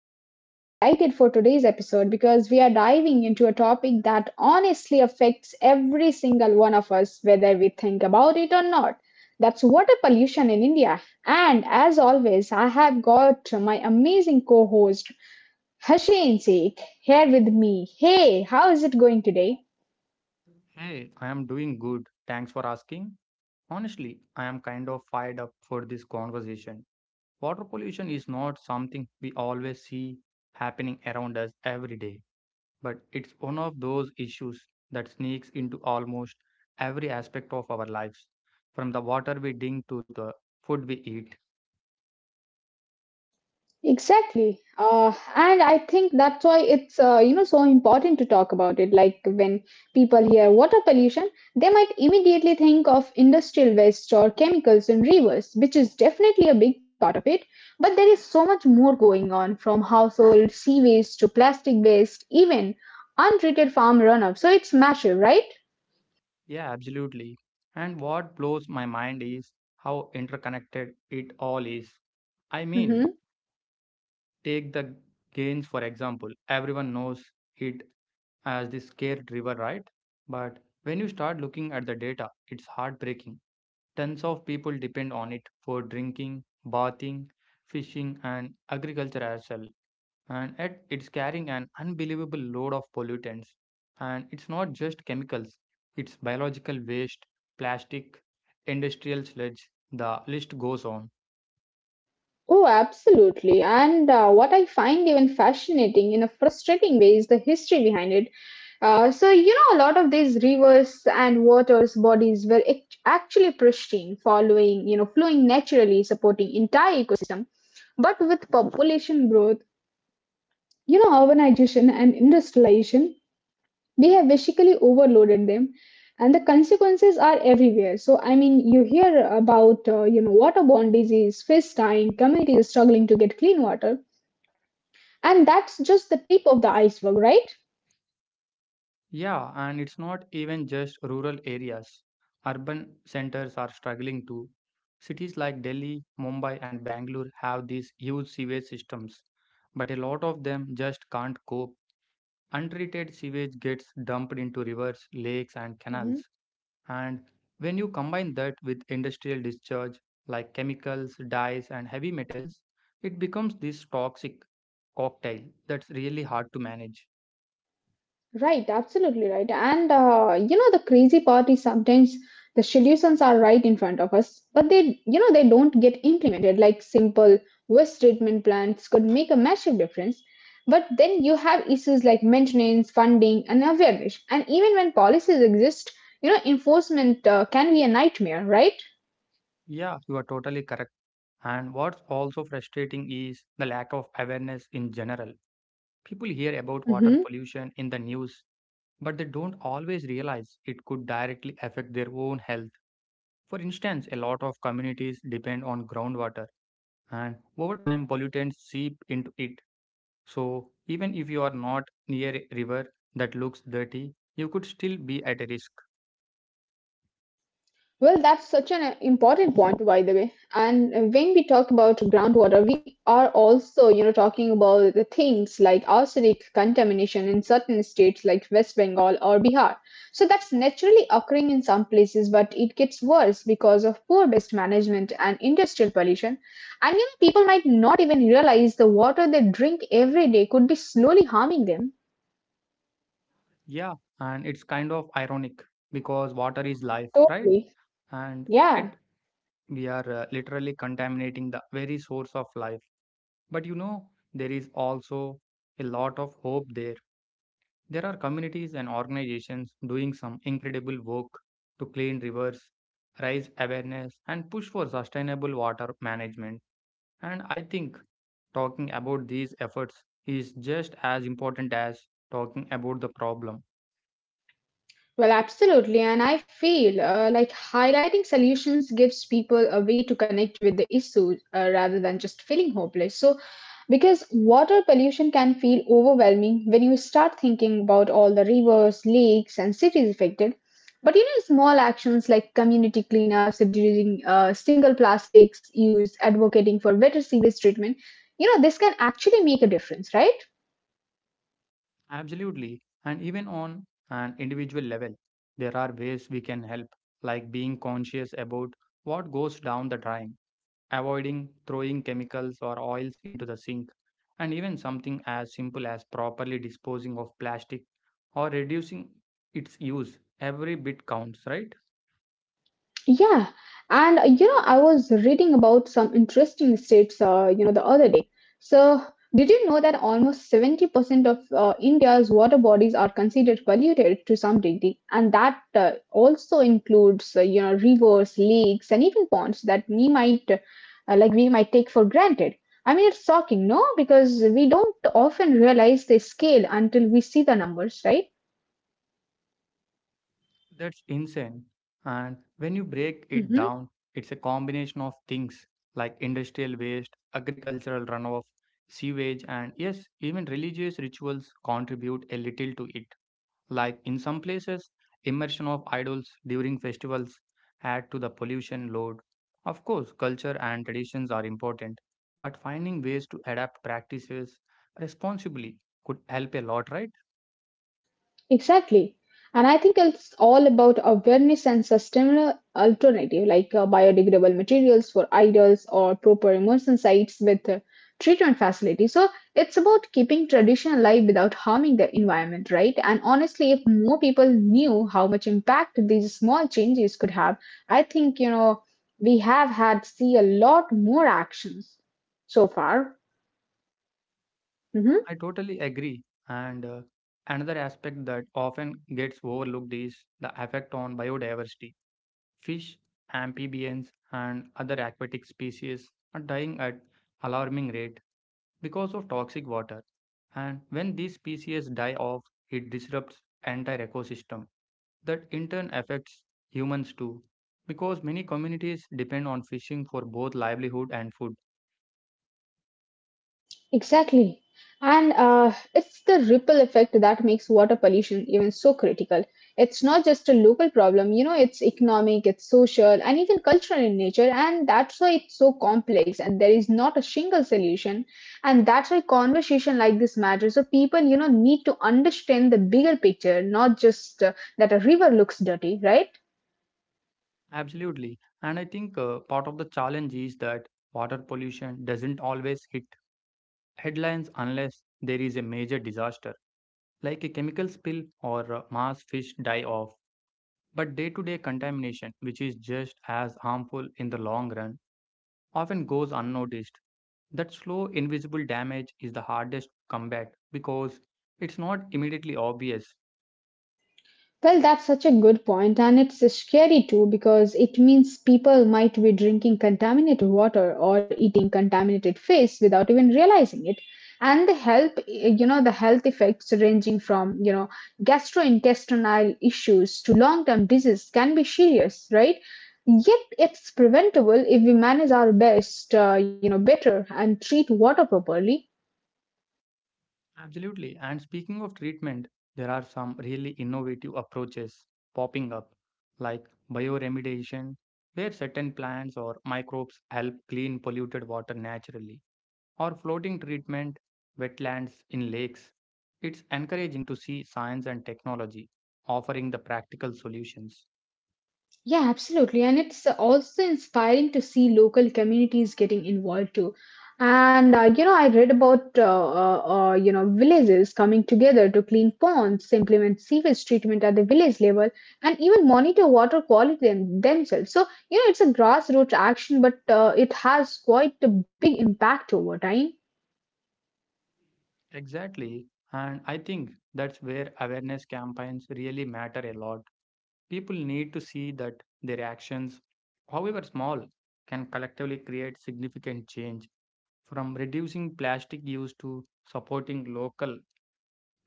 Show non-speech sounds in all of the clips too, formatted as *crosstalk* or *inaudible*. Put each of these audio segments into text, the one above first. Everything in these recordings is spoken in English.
And I'm really excited for today's episode because we are diving into a topic that honestly affects every single one of us, whether we think about it or not. That's water pollution in India. And as always, I have got my amazing co host, Hasheen Sheikh, here with me. Hey, how is it going today? Hey, I am doing good. Thanks for asking. Honestly, I am kind of fired up for this conversation. Water pollution is not something we always see happening around us every day, but it's one of those issues that sneaks into almost every aspect of our lives, from the water we drink to the food we eat. Exactly. And I think that's why it's so important to talk about it. Like when people hear water pollution, they might immediately think of industrial waste or chemicals in rivers, which is definitely a big part of it. But there is so much more going on from household sea waste to plastic waste, even untreated farm runoff. So it's massive, right? Yeah, absolutely. And what blows my mind is how interconnected it all is. I Mm-hmm. mean, take the Ganges, for example. Everyone knows it as the scared river, right? But when you start looking at the data, it's heartbreaking. Tons of people depend on it for drinking, bathing, fishing, and agriculture as well. And yet, it's carrying an unbelievable load of pollutants. And it's not just chemicals, it's biological waste, plastic, industrial sludge, the list goes on. Oh, absolutely. And what I find even fascinating in a frustrating way is the history behind it. A lot of these rivers and waters bodies were actually pristine, following, flowing naturally, supporting entire ecosystem. But with population growth, urbanization and industrialization, we have basically overloaded them. And the consequences are everywhere. So, I mean, you hear about, waterborne disease, fish dying, communities struggling to get clean water, and that's just the tip of the iceberg, right? Yeah, and it's not even just rural areas. Urban centers are struggling too. Cities like Delhi, Mumbai, and Bangalore have these huge sewage systems, but a lot of them just can't cope. Untreated sewage gets dumped into rivers, lakes, and Mhm. canals. And when you combine that with industrial discharge like chemicals, dyes, and heavy metals, it becomes this toxic cocktail that's really hard to manage. Right, absolutely right. And the crazy part is sometimes the solutions are right in front of us, but they don't get implemented. Like simple waste treatment plants could make a massive difference, but then you have issues like maintenance, funding, and awareness. And even when policies exist, you know, enforcement can be a nightmare, right? Yeah, you are totally correct. And what's also frustrating is the lack of awareness in general. People hear about Mhm. water pollution in the news, but they don't always realize it could directly affect their own health. For instance, a lot of communities depend on groundwater, and over time, pollutants seep into it. So, even if you are not near a river that looks dirty, you could still be at a risk. Well, that's such an important point, by the way. And when we talk about groundwater, we are also, you know, talking about the things like arsenic contamination in certain states like West Bengal or Bihar. So that's naturally occurring in some places, but it gets worse because of poor waste management and industrial pollution. And you know, people might not even realize the water they drink every day could be slowly harming them. Yeah, and it's kind of ironic because water is life, right? Totally. And Yeah. yet we are literally contaminating the very source of life. But you know, there is also a lot of hope there. There are communities and organizations doing some incredible work to clean rivers, raise awareness, and push for sustainable water management. And I think talking about these efforts is just as important as talking about the problem. Well, absolutely. And I feel like highlighting solutions gives people a way to connect with the issues rather than just feeling hopeless. So, because water pollution can feel overwhelming when you start thinking about all the rivers, lakes, and cities affected. But you know, small actions like community cleanups, reducing single plastics use, advocating for better sewage treatment, you know, this can actually make a difference, right? Absolutely. And even on an individual level, there are ways we can help, like being conscious about what goes down the drain, avoiding throwing chemicals or oils into the sink, and even something as simple as properly disposing of plastic or reducing its use. Every bit counts, right? Yeah, and I was reading about some interesting states, the other day. So, did you know that almost 70% of India's water bodies are considered polluted to some degree? And that also includes, rivers, lakes, and even ponds that we might, we might take for granted. I mean, it's shocking, no? Because we don't often realize the scale until we see the numbers, right? That's insane. And when you break it Mhm. down, it's a combination of things like industrial waste, agricultural runoff, sewage, and yes, even religious rituals contribute a little to it. Like in some places, immersion of idols during festivals add to the pollution load. Of course, culture and traditions are important, but finding ways to adapt practices responsibly could help a lot, right? Exactly. And I think it's all about awareness and sustainable alternative like biodegradable materials for idols or proper immersion sites with treatment facilities. So it's about keeping tradition alive without harming the environment, right? And honestly, if more people knew how much impact these small changes could have, I think, you know, we have had see a lot more actions so far. Mhm. I totally agree. And another aspect that often gets overlooked is the effect on biodiversity. Fish, amphibians, and other aquatic species are dying at alarming rate because of toxic water. And when these species die off, it disrupts entire ecosystem. That in turn affects humans too, because many communities depend on fishing for both livelihood and food. Exactly. And it's the ripple effect that makes water pollution even so critical. It's not just a local problem, you know, it's economic, it's social, and even cultural in nature. And that's why it's so complex and there is not a single solution. And that's why conversation like this matters. So people, you know, need to understand the bigger picture, not just that a river looks dirty, right? Absolutely. And I think part of the challenge is that water pollution doesn't always hit headlines unless there is a major disaster, like a chemical spill or mass fish die off. But day to day contamination, which is just as harmful in the long run, often goes unnoticed. That slow, invisible damage is the hardest to combat because it's not immediately obvious. Well, that's such a good point, and it's scary too because it means people might be drinking contaminated water or eating contaminated fish without even realizing it. And the health effects ranging from, you know, gastrointestinal issues to long term disease can be serious, right? Yet it's preventable if we manage our best, better and treat water properly. Absolutely. And speaking of treatment, there are some really innovative approaches popping up, like bioremediation, where certain plants or microbes help clean polluted water naturally, or floating treatment, wetlands in lakes. It's encouraging to see science and technology offering the practical solutions. Yeah, absolutely. And it's also inspiring to see local communities getting involved too. And I read about you know villages coming together to clean ponds, implement sewage treatment at the village level, and even monitor water quality themselves. So you know, it's a grassroots action, but it has quite a big impact over time. Exactly. And I think that's where awareness campaigns really matter a lot. People need to see that their actions, however small, can collectively create significant change from reducing plastic use to supporting local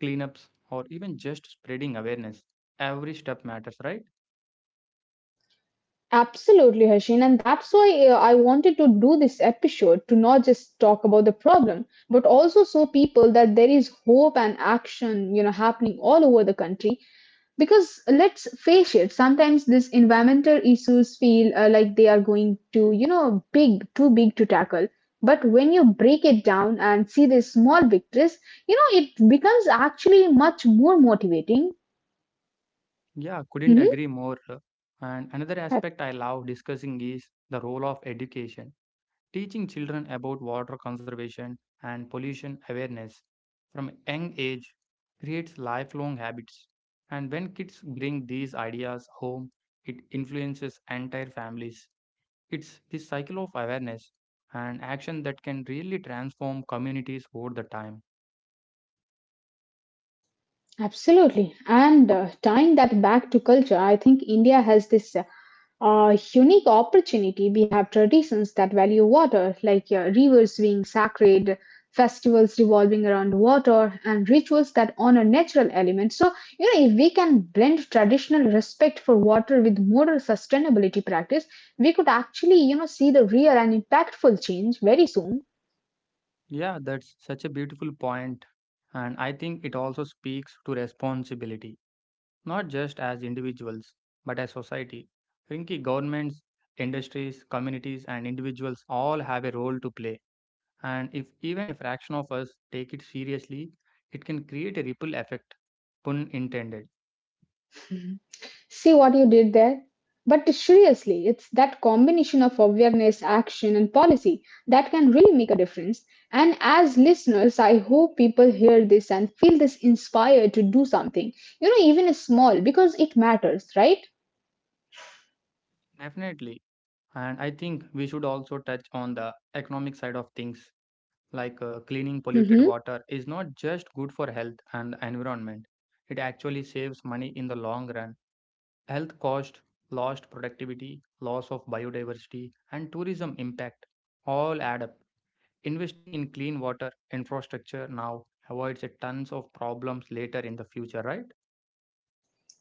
cleanups or even just spreading awareness. Every step matters, right? Absolutely, Harshin. And that's why I wanted to do this episode to not just talk about the problem, but also show people that there is hope and action, you know, happening all over the country. Because let's face it, sometimes these environmental issues feel like they are going to, too big to tackle. But when you break it down and see the small victories, you know, it becomes actually much more motivating. Yeah, couldn't Hmm. agree more. And another aspect I love discussing is the role of education. Teaching children about water conservation and pollution awareness from a young age creates lifelong habits. And when kids bring these ideas home, it influences entire families. It's this cycle of awareness and action that can really transform communities over the time. Absolutely. And tying that back to culture, I think India has this unique opportunity. We have traditions that value water, like rivers being sacred, festivals revolving around water, and rituals that honor natural elements. So, you know, if we can blend traditional respect for water with modern sustainability practice, we could actually, you know, see the real and impactful change very soon. Yeah, that's such a beautiful point, and I think it also speaks to responsibility not just as individuals, but as society. Rinki, governments, industries, communities, and individuals all have a role to play. And if even a fraction of us take it seriously, it can create a ripple effect, pun intended. See what you did there? But seriously, it's that combination of awareness, action, and policy that can really make a difference. And as listeners, I hope people hear this and feel this inspired to do something, you know, even small, because it matters, right? Definitely. And I think we should also touch on the economic side of things. Like cleaning polluted Hmm. water is not just good for health and environment, it actually saves money in the long run. Health cost, lost productivity, loss of biodiversity, and tourism impact all add up. Investing in clean water infrastructure now avoids a tons of problems later in the future, right?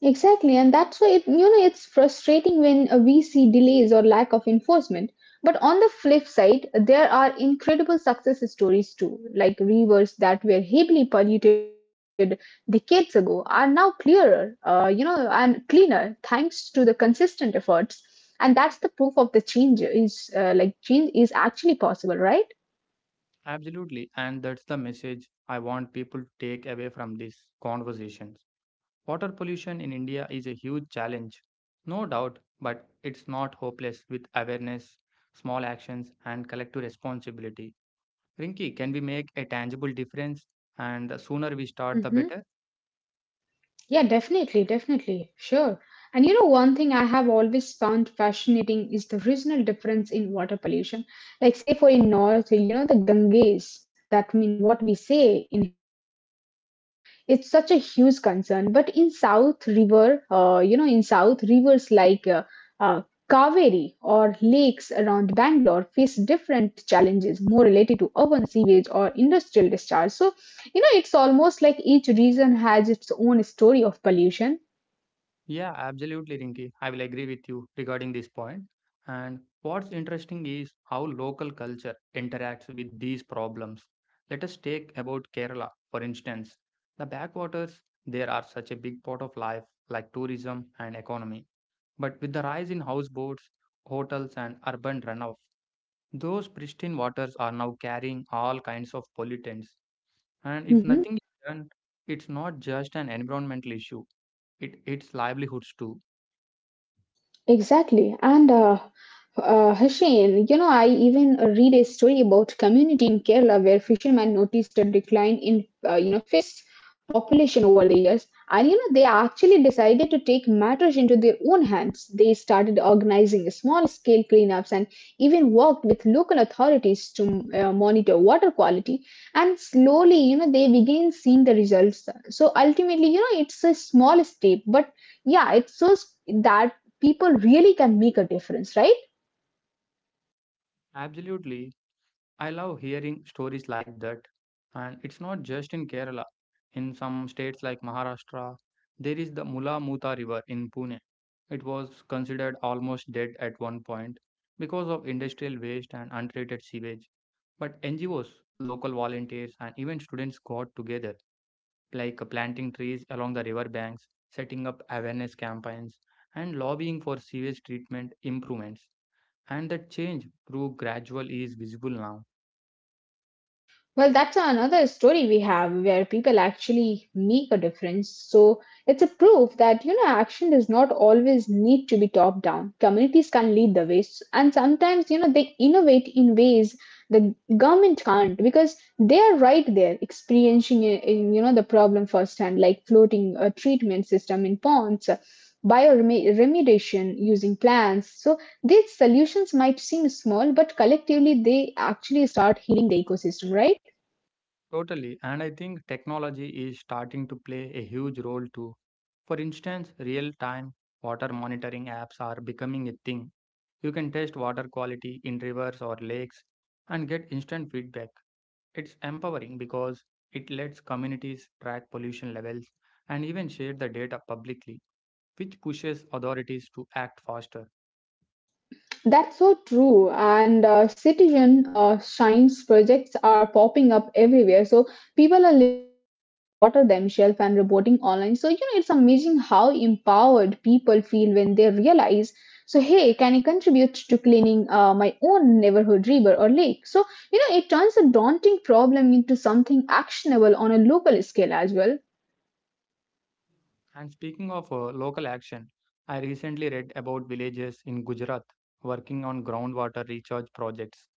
Exactly, and that's why it, you know it's frustrating when we see delays or lack of enforcement. But on the flip side, there are incredible success stories too, like rivers that were heavily polluted decades ago are now clearer, and cleaner thanks to the consistent efforts. And that's the proof of the change is change is actually possible, right? Absolutely, and that's the message I want people to take away from these conversations. Water pollution in India is a huge challenge, no doubt, but it's not hopeless with awareness, small actions, and collective responsibility. Rinki, can we make a tangible difference? And the sooner we start, the Mhm. better. Yeah, definitely. Sure. And you know, one thing I have always found fascinating is the regional difference in water pollution. Like, say, for in North, you know, the Ganges, that mean what we say in Hindi is Ganga, it's such a huge concern but in south river in south rivers like uh, kaveri or lakes around bangalore face different challenges more related to urban sewage or industrial discharge. So you know it's almost like each region has its own story of pollution. Yeah, absolutely, Rinki. I will agree with you regarding this point. And what's interesting is how local culture interacts with these problems. Let us take about Kerala, for instance. The backwaters there are such a big part of life, like tourism and economy. But with the rise in houseboats, hotels, and urban runoff, those pristine waters are now carrying all kinds of pollutants. And if Mhm. nothing is done, it's not just an environmental issue, it's livelihoods too. Exactly. And Hussain, you know, I even read a story about community in Kerala where fishermen noticed a decline in, fish population over the years. And, you know, they actually decided to take matters into their own hands. They started organizing small scale cleanups and even worked with local authorities to monitor water quality. And slowly, you know, they began seeing the results. So ultimately, you know, it's a small step, but yeah, it shows that people really can make a difference, right? Absolutely. I love hearing stories like that. And it's not just in Kerala. In some states like Maharashtra, there is the Mula Mutha River in Pune. It was considered almost dead at one point because of industrial waste and untreated sewage. But NGOs, local volunteers, and even students got together like planting trees along the river banks, setting up awareness campaigns, and lobbying for sewage treatment improvements. And that change, through gradual, is visible now. Well, that's another story we have where people actually make a difference. So it's a proof that, you know, action does not always need to be top down. Communities can lead the way. And sometimes, you know, they innovate in ways the government can't because they are right there experiencing, you know, the problem firsthand, like floating a treatment system in ponds, bioremediation using plants. So these solutions might seem small, but collectively they actually start healing the ecosystem, right? Totally. And I think technology is starting to play a huge role too. For instance, real time water monitoring apps are becoming a thing. You can test water quality in rivers or lakes and get instant feedback. It's empowering because it lets communities track pollution levels and even share the data publicly, which pushes authorities to act faster. That's so true. And citizen science projects are popping up everywhere. So people are literally testing water themselves and reporting online. So, you know, it's amazing how empowered people feel when they realize. So, hey, can I contribute to cleaning my own neighborhood river or lake? So, you know, it turns a daunting problem into something actionable on a local scale as well. And speaking of local action, I recently read about villages in Gujarat working on groundwater recharge projects.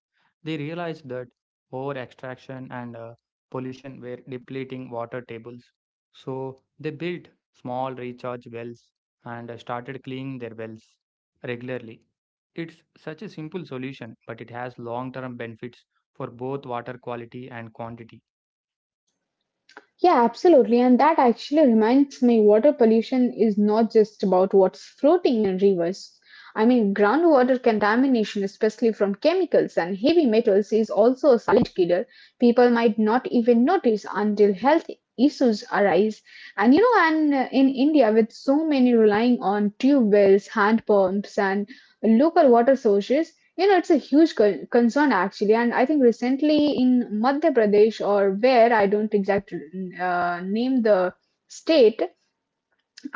They realized that over extraction and pollution were depleting water tables. So they built small recharge wells and started cleaning their wells regularly. It's such a simple solution, but it has long term benefits for both water quality and quantity. Yeah, absolutely. And that actually reminds me water pollution is not just about what's floating in rivers. I mean, groundwater contamination, especially from chemicals and heavy metals, is also a silent killer. People might not even notice until health issues arise. And in India, with so many relying on tube wells, hand pumps, and local water sources, you know, it's a huge concern actually, and I think recently in Madhya Pradesh or where I don't exactly name the state,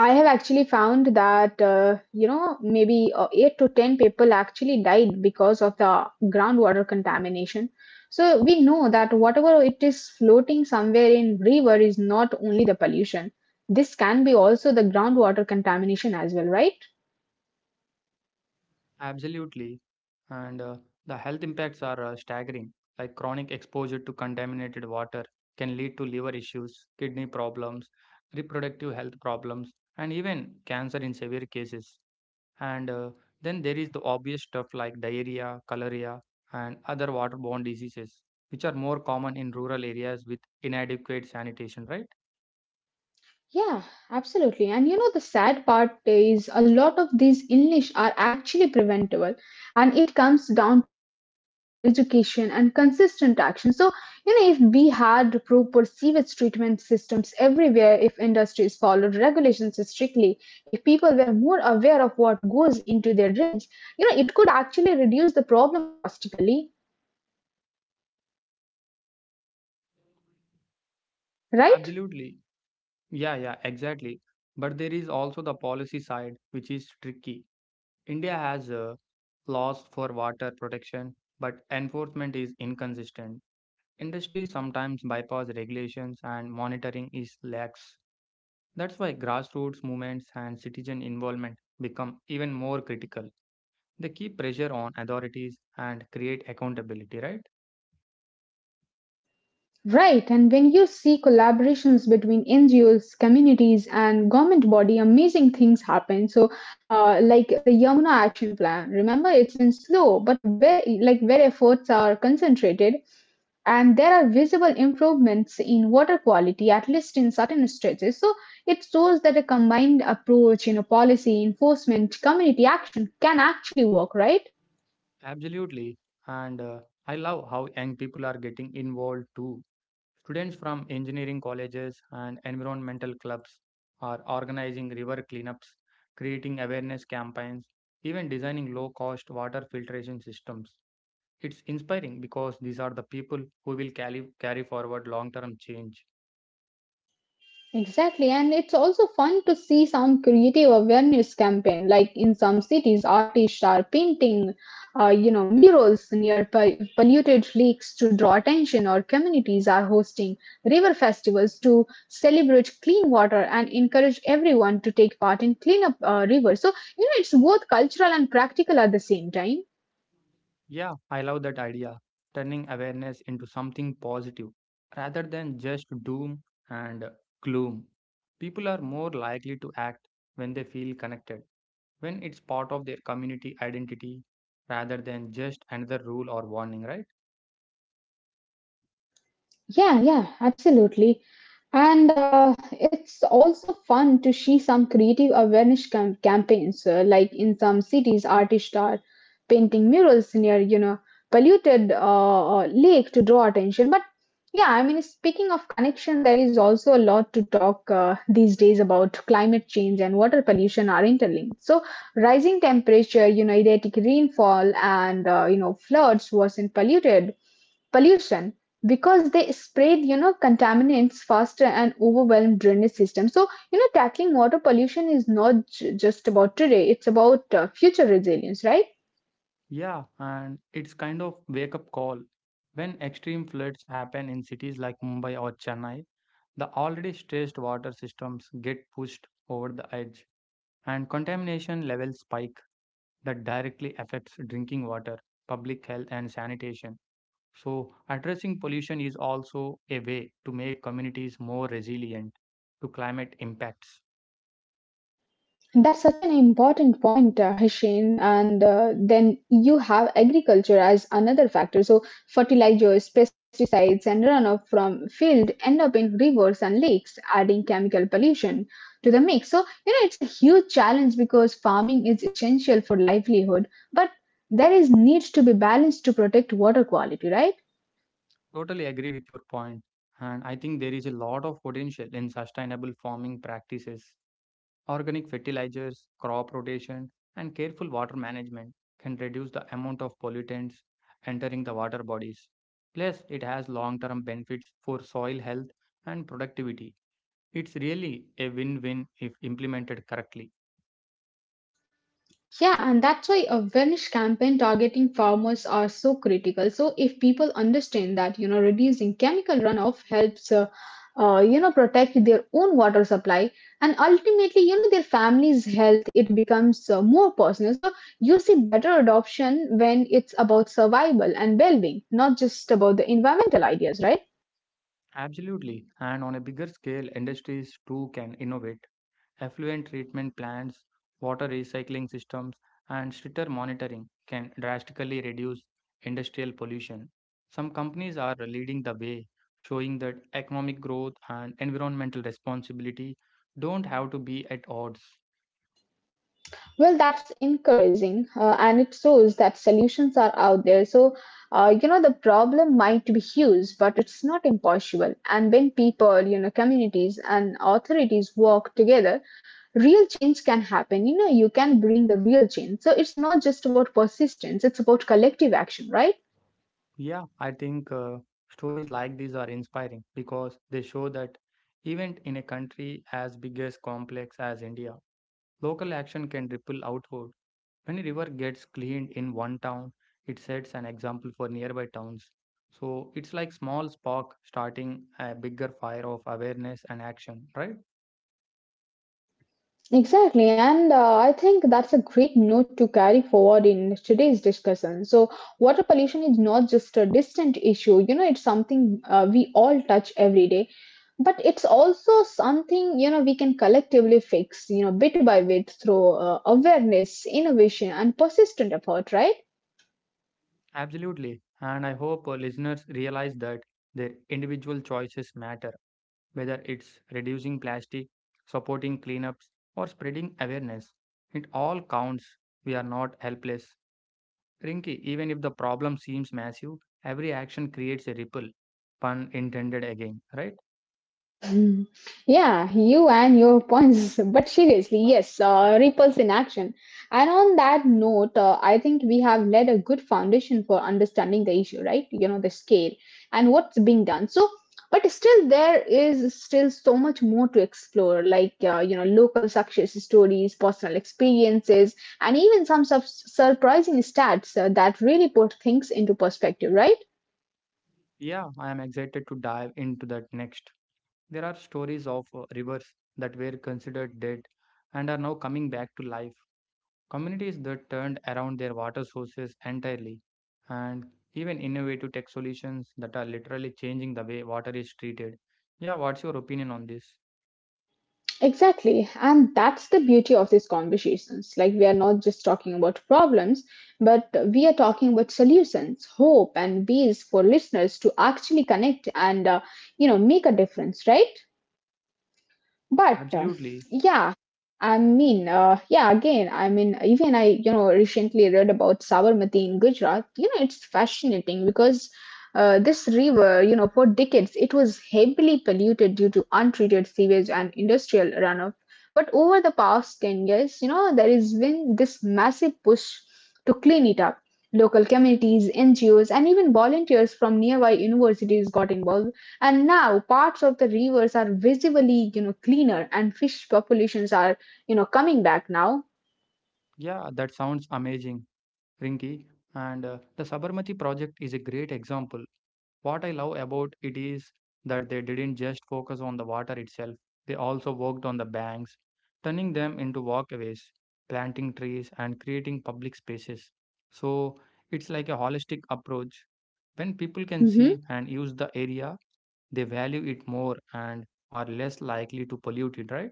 I have actually found that you know maybe 8 to 10 people actually died because of the groundwater contamination. So we know that whatever it is floating somewhere in river is not only the pollution. This can be also the groundwater contamination as well, right? Absolutely. And the health impacts are staggering, like chronic exposure to contaminated water can lead to liver issues, kidney problems, reproductive health problems, and even cancer in severe cases. And then there is the obvious stuff like diarrhea, cholera, and other waterborne diseases, which are more common in rural areas with inadequate sanitation, right? Yeah, absolutely. and you know, the sad part is a lot of these illness are actually preventable, and it comes down to infrastructure, education, and consistent action. So, you know, if we had proper sewage treatment systems everywhere, if industries followed regulations strictly, if people were more aware of what goes into their drains, you know, it could actually reduce the problem drastically, right? Absolutely. Yeah, yeah, exactly. But there is also the policy side, which is tricky. India has laws for water protection, but enforcement is inconsistent. Industries sometimes bypass regulations and monitoring is lax. That's why grassroots movements and citizen involvement become even more critical. They keep pressure on authorities and create accountability, right? Right, and when you see collaborations between NGOs, communities, and government body, amazing things happen. So, like the Yamuna Action Plan, remember it's been slow, but where efforts are concentrated, and there are visible improvements in water quality, at least in certain stretches. So it shows that a combined approach, you know, policy enforcement, community action can actually work, right? Absolutely. And I love how young people are getting involved too. Students from engineering colleges and environmental clubs are organizing river cleanups, creating awareness campaigns, even designing low cost water filtration systems. It's inspiring because these are the people who will carry forward long term change. Exactly, and it's also fun to see some creative awareness campaign. Like in some cities, artists are painting, you know, murals near polluted lakes to draw attention, or communities are hosting river festivals to celebrate clean water and encourage everyone to take part in cleanup rivers. So you know, it's both cultural and practical at the same time. Yeah, I love that idea, turning awareness into something positive rather than just doom and gloom. People are more likely to act when they feel connected, when it's part of their community identity rather than just another rule or warning, right? Yeah, yeah, absolutely. And it's also fun to see some creative awareness campaigns, like in some cities, artists are painting murals near, you know, polluted lake to draw attention. But yeah, I mean, speaking of connection, there is also a lot to talk these days about climate change and water pollution are interlinked. So rising temperature, you know, erratic rainfall and, you know, floods worsen polluted pollution because they spread you know contaminants faster and overwhelm drainage system. So you know tackling water pollution is not just about today, it's about future resilience, right? Yeah, and it's kind of wake up call. When extreme floods happen in cities like Mumbai or Chennai, the already stressed water systems get pushed over the edge and contamination levels spike that directly affects drinking water, public health and sanitation. So addressing pollution is also a way to make communities more resilient to climate impacts. That's such an important point, Hashim. And then you have agriculture as another factor. So fertilizers, pesticides, and runoff from field end up in rivers and lakes, adding chemical pollution to the mix. So you know it's a huge challenge because farming is essential for livelihood, but there is needs to be balance to protect water quality, right? Totally agree with your point, and I think there is a lot of potential in sustainable farming practices. Organic fertilizers, crop rotation, and careful water management can reduce the amount of pollutants entering the water bodies. Plus, it has long term benefits for soil health and productivity. It's really a win win if implemented correctly. Yeah, and that's why awareness campaign targeting farmers are so critical. So if people understand that, you know, reducing chemical runoff helps, you know, protect their own water supply and ultimately, you know, their family's health, it becomes more personal. So you see better adoption when it's about survival and well-being, not just about the environmental ideas, right? Absolutely, and on a bigger scale, industries too can innovate. Effluent treatment plants, water recycling systems, and stricter monitoring can drastically reduce industrial pollution. Some companies are leading the way, showing that economic growth and environmental responsibility don't have to be at odds. Well, that's encouraging, and it shows that solutions are out there. So, you know, the problem might be huge, but it's not impossible. And when people, you know, communities and authorities work together, real change can happen. You know, you can bring the real change. So, it's not just about persistence, it's about collective action, right? Yeah, I think stories like these are inspiring because they show that even in a country as big as complex as India, local action can ripple outward. When a river gets cleaned in one town, it sets an example for nearby towns. So it's like small spark starting a bigger fire of awareness and action, right? Exactly, and I think that's a great note to carry forward in today's discussion. So, water pollution is not just a distant issue, you know, it's something we all touch every day, but it's also something, you know, we can collectively fix, you know, bit by bit through awareness, innovation, and persistent effort, right? Absolutely. And I hope our listeners realize that their individual choices matter, whether it's reducing plastic, supporting cleanups, or spreading awareness. It all counts. We are not helpless. Rinky, even if the problem seems massive, every action creates a ripple. Pun intended again, right? Mm. Yeah, you and your points. *laughs* But seriously, yes, ripples in action. And on that note, I think we have laid a good foundation for understanding the issue, right? You know, the scale and what's being done. So, but still, there is still so much more to explore, like, you know, local success stories, personal experiences, and even some surprising stats that really put things into perspective, right? Yeah, I am excited to dive into that next. There are stories of rivers that were considered dead and are now coming back to life. Communities that turned around their water sources entirely, and even innovative tech solutions that are literally changing the way water is treated. Yeah, what's your opinion on this? Exactly. And that's the beauty of these conversations. Like, we are not just talking about problems, but we are talking about solutions, hope, and ways for listeners to actually connect and, you know, make a difference, right? But Absolutely. yeah, I mean, yeah, again, I mean, even I, you know, recently read about Sabarmati in Gujarat. You know, it's fascinating because this river, you know, for decades it was heavily polluted due to untreated sewage and industrial runoff. But over the past 10 years, you know, there has been this massive push to clean it up. Local communities, NGOs, and even volunteers from nearby universities got involved, and now parts of the rivers are visibly, you know, cleaner and fish populations are, you know, coming back now. Yeah, that sounds amazing, Rinki. And the Sabarmati project is a great example. What I love about it is that they didn't just focus on the water itself, they also worked on the banks, turning them into walkways, planting trees, and creating public spaces. So it's like a holistic approach. When people can Hmm. see and use the area, they value it more and are less likely to pollute it, right?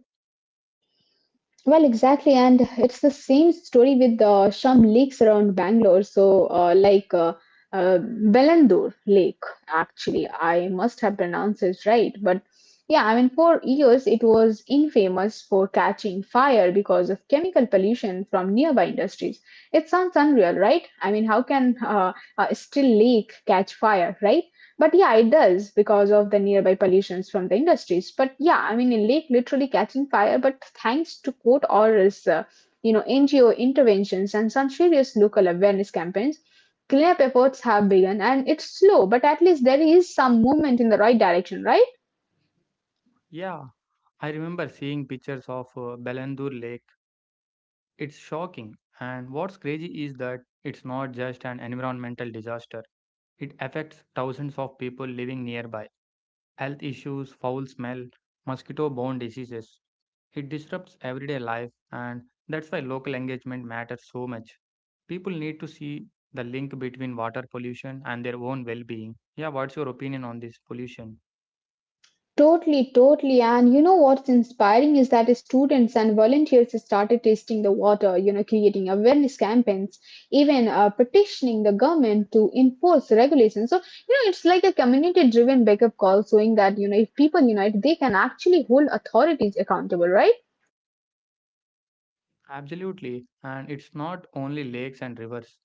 Well, exactly. And it's the same story with some lakes around Bangalore. So, like uh, Belandur Lake, actually, I must have pronounced it right. But yeah, I mean, for years it was infamous for catching fire because of chemical pollution from nearby industries. It sounds unreal, right? I mean, how can still lake catch fire, right? But yeah, it does because of the nearby pollutions from the industries. But yeah, I mean, a lake literally catching fire, but thanks to court orals, you know, NGO interventions, and some serious local awareness campaigns, cleanup efforts have begun. And it's slow, but at least there is some movement in the right direction, right? Yeah, I remember seeing pictures of Belandur Lake. It's shocking. And what's crazy is that it's not just an environmental disaster. It affects thousands of people living nearby. Health issues, foul smell, mosquito borne diseases. It disrupts everyday life, and that's why local engagement matters so much. People need to see the link between water pollution and their own well being. Yeah, what's your opinion on this pollution? Totally, totally. And you know what's inspiring is that students and volunteers started tasting the water, you know, creating awareness campaigns, even petitioning the government to enforce regulations. So, you know, it's like a community driven wake up call showing that, you know, if people unite, they can actually hold authorities accountable, right? Absolutely, and it's not only lakes and rivers.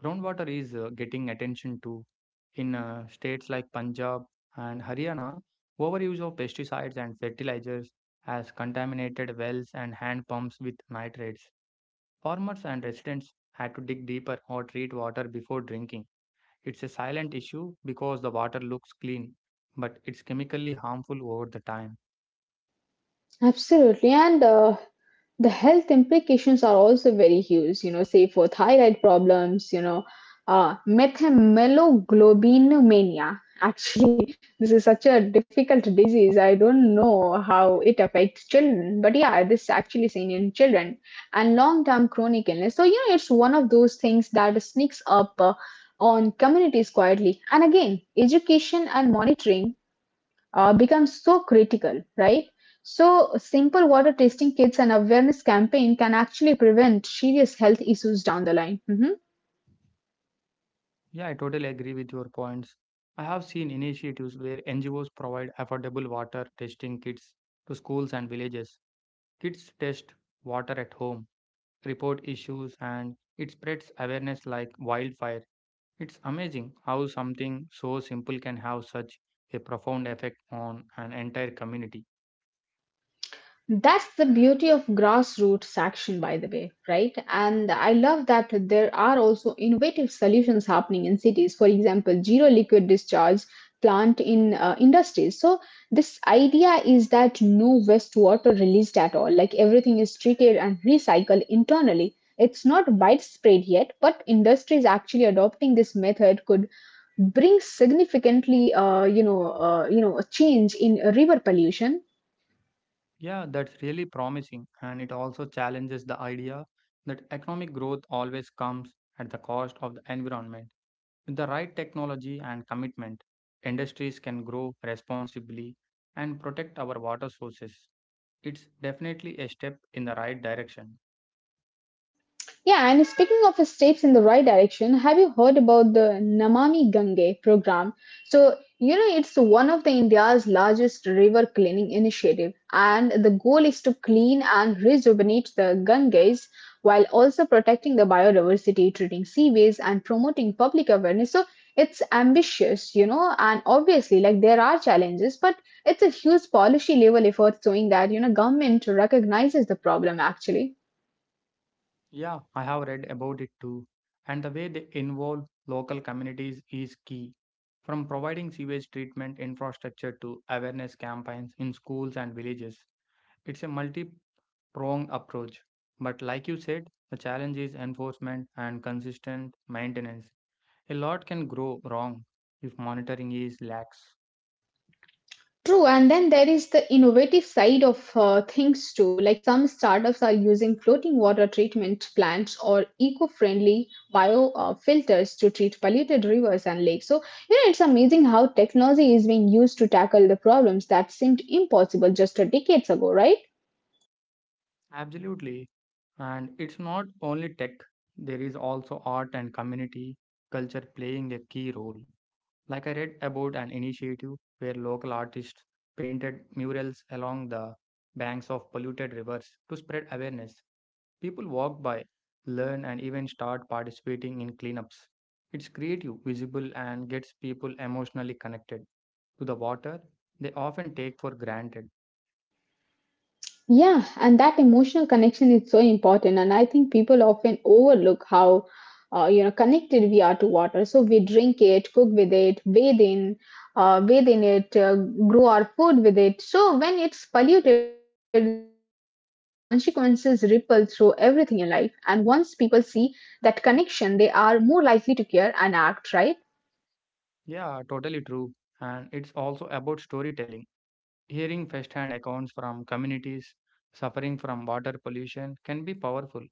Groundwater is getting attention too. In states like Punjab and Haryana, overuse of pesticides and fertilizers has contaminated wells and hand pumps with nitrates. Farmers and residents had to dig deeper or treat water before drinking. It's a silent issue because the water looks clean, but it's chemically harmful over the time. Absolutely. And the health implications are also very huge, you know, say for thyroid problems, you know, methemoglobinemia, actually. This is such a difficult disease. I don't know how it affects children, but yeah, this is actually seen in children and long term chronic illness. So, you know, it's one of those things that sneaks up on communities quietly. And again, education and monitoring becomes so critical, right? So, simple water testing kits and awareness campaign can actually prevent serious health issues down the line. Mhm. Yeah, I totally agree with your points. I have seen initiatives where NGOs provide affordable water testing kits to schools and villages. Kids test water at home, report issues, and it spreads awareness like wildfire. It's amazing how something so simple can have such a profound effect on an entire community. That's the beauty of grassroots action, by the way, right? And I love that there are also innovative solutions happening in cities. For example, zero liquid discharge plant in industries. So this idea is that no wastewater released at all. Like everything is treated and recycled internally. It's not widespread yet, but industries actually adopting this method could brings significantly a change in river pollution. Yeah, that's really promising, and it also challenges the idea that economic growth always comes at the cost of the environment. With the right technology and commitment, industries can grow responsibly and protect our water sources. It's definitely a step in the right direction. Yeah, and speaking of steps in the right direction, have you heard about the Namami Gange program? So, you know, it's one of the India's largest river cleaning initiative, and the goal is to clean and rejuvenate the Ganges while also protecting the biodiversity, treating seaways, and promoting public awareness. So, it's ambitious, you know, and obviously, like there are challenges, but it's a huge policy level effort showing that, you know, government recognizes the problem actually. Yeah, I have read about it too. And the way they involve local communities is key. From providing sewage treatment infrastructure to awareness campaigns in schools and villages, it's a multi pronged approach. But like you said, the challenge is enforcement and consistent maintenance. A lot can go wrong if monitoring is lax. True, and then there is the innovative side of things too. Like some startups are using floating water treatment plants or eco-friendly bio filters to treat polluted rivers and lakes. So, you know, it's amazing how technology is being used to tackle the problems that seemed impossible just a decades ago, right? Absolutely. And it's not only tech, there is also art and community culture playing a key role. Like I read about an initiative where local artists painted murals along the banks of polluted rivers to spread awareness. People walk by, learn, and even start participating in cleanups. It's creative, visible, and gets people emotionally connected to the water they often take for granted. Yeah, and that emotional connection is so important. And I think people often overlook how you know connected we are to water. So we drink it, cook with it, bathe in it, grow our food with it. So when it's polluted, the consequences ripple through everything in life. And once people see that connection, they are more likely to care and act, right? Yeah, totally true. And it's also about storytelling. Hearing firsthand accounts from communities suffering from water pollution can be powerful.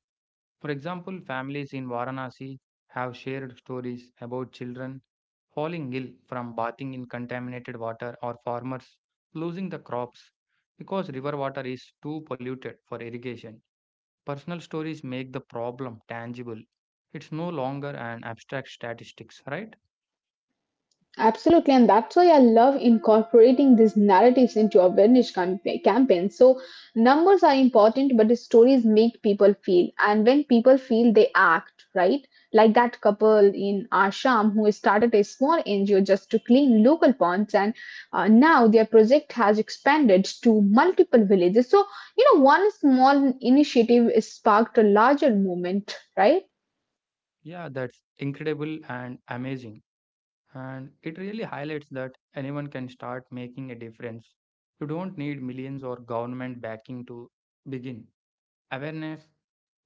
For example, families in Varanasi have shared stories about children falling ill from bathing in contaminated water or farmers losing the crops because river water is too polluted for irrigation. Personal stories make the problem tangible. It's no longer an abstract statistics, right? Absolutely, and that's why I love incorporating these narratives into awareness campaigns. So, numbers are important, but the stories make people feel, and when people feel, they act, right? Like that couple in Assam who started a small NGO just to clean local ponds, and now their project has expanded to multiple villages. So, you know, one small initiative sparked a larger movement, right? Yeah, that's incredible and amazing. And it really highlights that anyone can start making a difference. You don't need millions or government backing to begin. Awareness,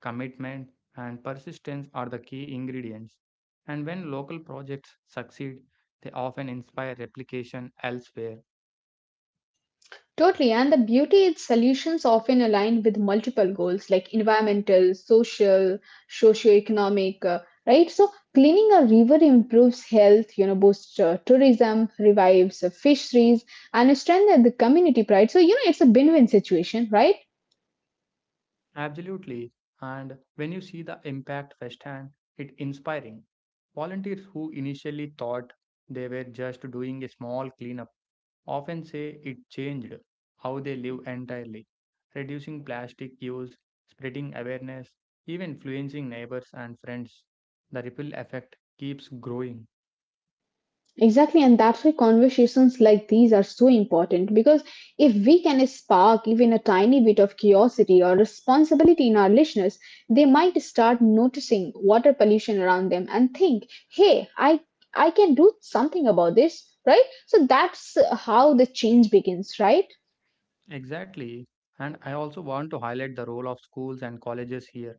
commitment, and persistence are the key ingredients. And when local projects succeed, they often inspire replication elsewhere. Totally, and the beauty is solutions often align with multiple goals like environmental, social, socio-economic, right? So cleaning a river improves health, you know, boosts tourism, revives fisheries, and strengthens the community pride. So you know, it's a win-win situation, right? Absolutely. And when you see the impact firsthand, it's inspiring. Volunteers who initially thought they were just doing a small cleanup often say it changed how they live entirely, reducing plastic use, spreading awareness, even influencing neighbors and friends. The ripple effect keeps growing. Exactly, and that's why conversations like these are so important because if we can spark even a tiny bit of curiosity or responsibility in our listeners, they might start noticing water pollution around them and think, "Hey, I can do something about this," right? So that's how the change begins, right? Exactly. And I also want to highlight the role of schools and colleges here.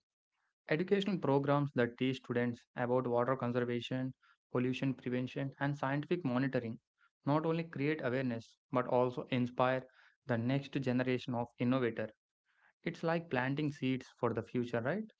Educational programs that teach students about water conservation, pollution prevention, and scientific monitoring not only create awareness but also inspire the next generation of innovator. It's like planting seeds for the future, right?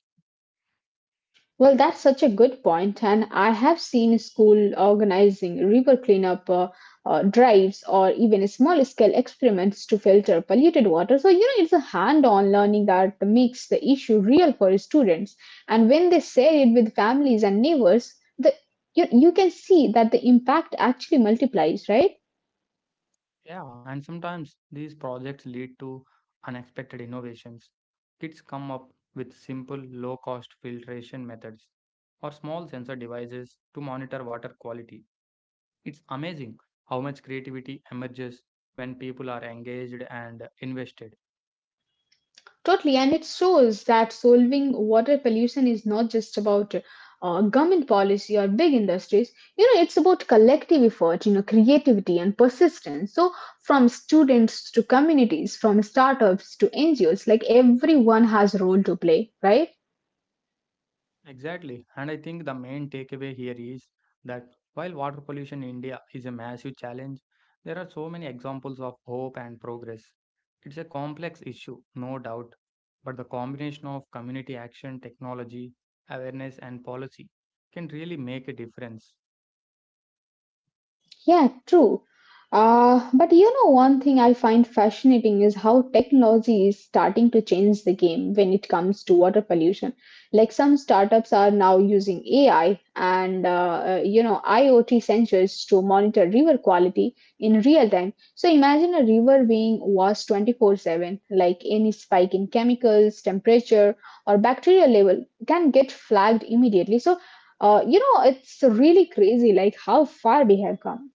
Well, that's such a good point, and I have seen school organizing river cleanup drives or even small scale experiments to filter polluted water. So, you know, it's a hand on learning that makes the issue real for students. And when they share it with families and neighbors, you can see that the impact actually multiplies, right? Yeah, and sometimes these projects lead to unexpected innovations. Kids come up with simple, low cost filtration methods or small sensor devices to monitor water quality. It's amazing how much creativity emerges when people are engaged and invested. Totally, and it shows that solving water pollution is not just about government policy or big industries. You know, it's about collective effort, you know, creativity and persistence. So, from students to communities, from startups to NGOs, like everyone has a role to play, right? Exactly. And I think the main takeaway here is that while water pollution in India is a massive challenge, there are so many examples of hope and progress. It's a complex issue, no doubt, but the combination of community action, technology, awareness, and policy can really make a difference. Yeah, true. But you know, one thing I find fascinating is how technology is starting to change the game when it comes to water pollution. Like some startups are now using AI and you know IoT sensors to monitor river quality in real time. So imagine a river being watched 24/7, like any spike in chemicals, temperature, or bacterial level can get flagged immediately. So you know, it's really crazy, like how far we have come.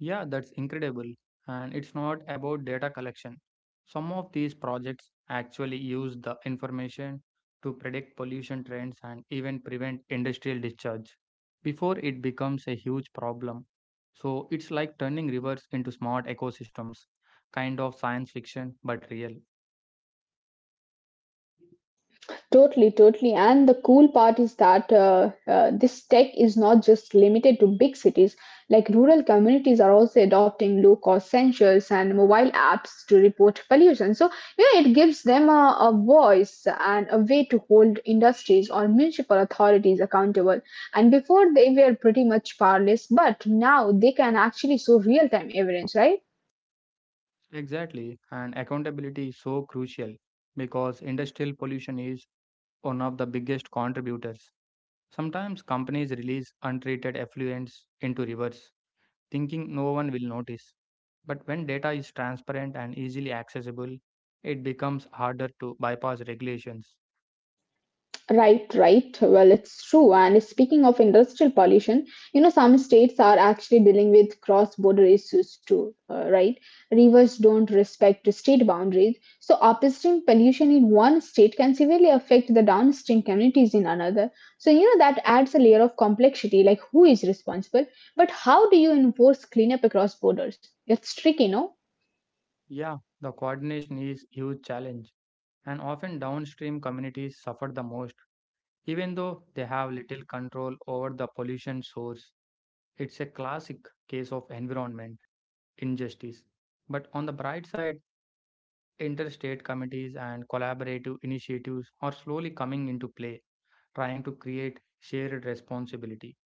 Yeah, that's incredible. And it's not about data collection. Some of these projects actually use the information to predict pollution trends and even prevent industrial discharge before it becomes a huge problem. So it's like turning rivers into smart ecosystems, kind of science fiction but real. Totally, totally. And the cool part is that this tech is not just limited to big cities. Like rural communities are also adopting low cost sensors and mobile apps to report pollution. So, you know, it gives them a voice and a way to hold industries or municipal authorities accountable. And before they were pretty much powerless, but now they can actually show real time evidence, right? Exactly. And accountability is so crucial because industrial pollution is one of the biggest contributors. Sometimes companies release untreated effluents into rivers, thinking no one will notice. But when data is transparent and easily accessible, it becomes harder to bypass regulations. Right. Well, it's true. And speaking of industrial pollution, you know, some states are actually dealing with cross-border issues too, right? Rivers don't respect state boundaries, so upstream pollution in one state can severely affect the downstream communities in another. So, you know, that adds a layer of complexity, like who is responsible, but how do you enforce cleanup across borders? It's tricky, no? Yeah, the coordination is huge challenge, and often downstream communities suffer the most, even though they have little control over the pollution source. It's a classic case of environment injustice. But on the bright side, Interstate committees and collaborative initiatives are slowly coming into play, trying to create shared responsibility.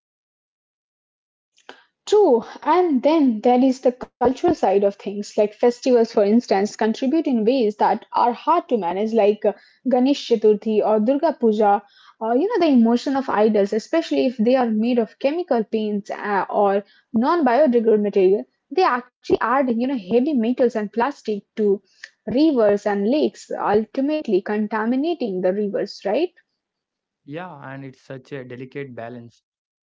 True, and then there is the cultural side of things, like festivals, for instance, contribute in ways that are hard to manage, like Ganesh Chaturthi or Durga Puja, or you know, the emotion of idols, especially if they are made of chemical paints or non biodegradable material. They actually add, you know, heavy metals and plastic to rivers and lakes, ultimately contaminating the rivers, right? Yeah, and it's such a delicate balance.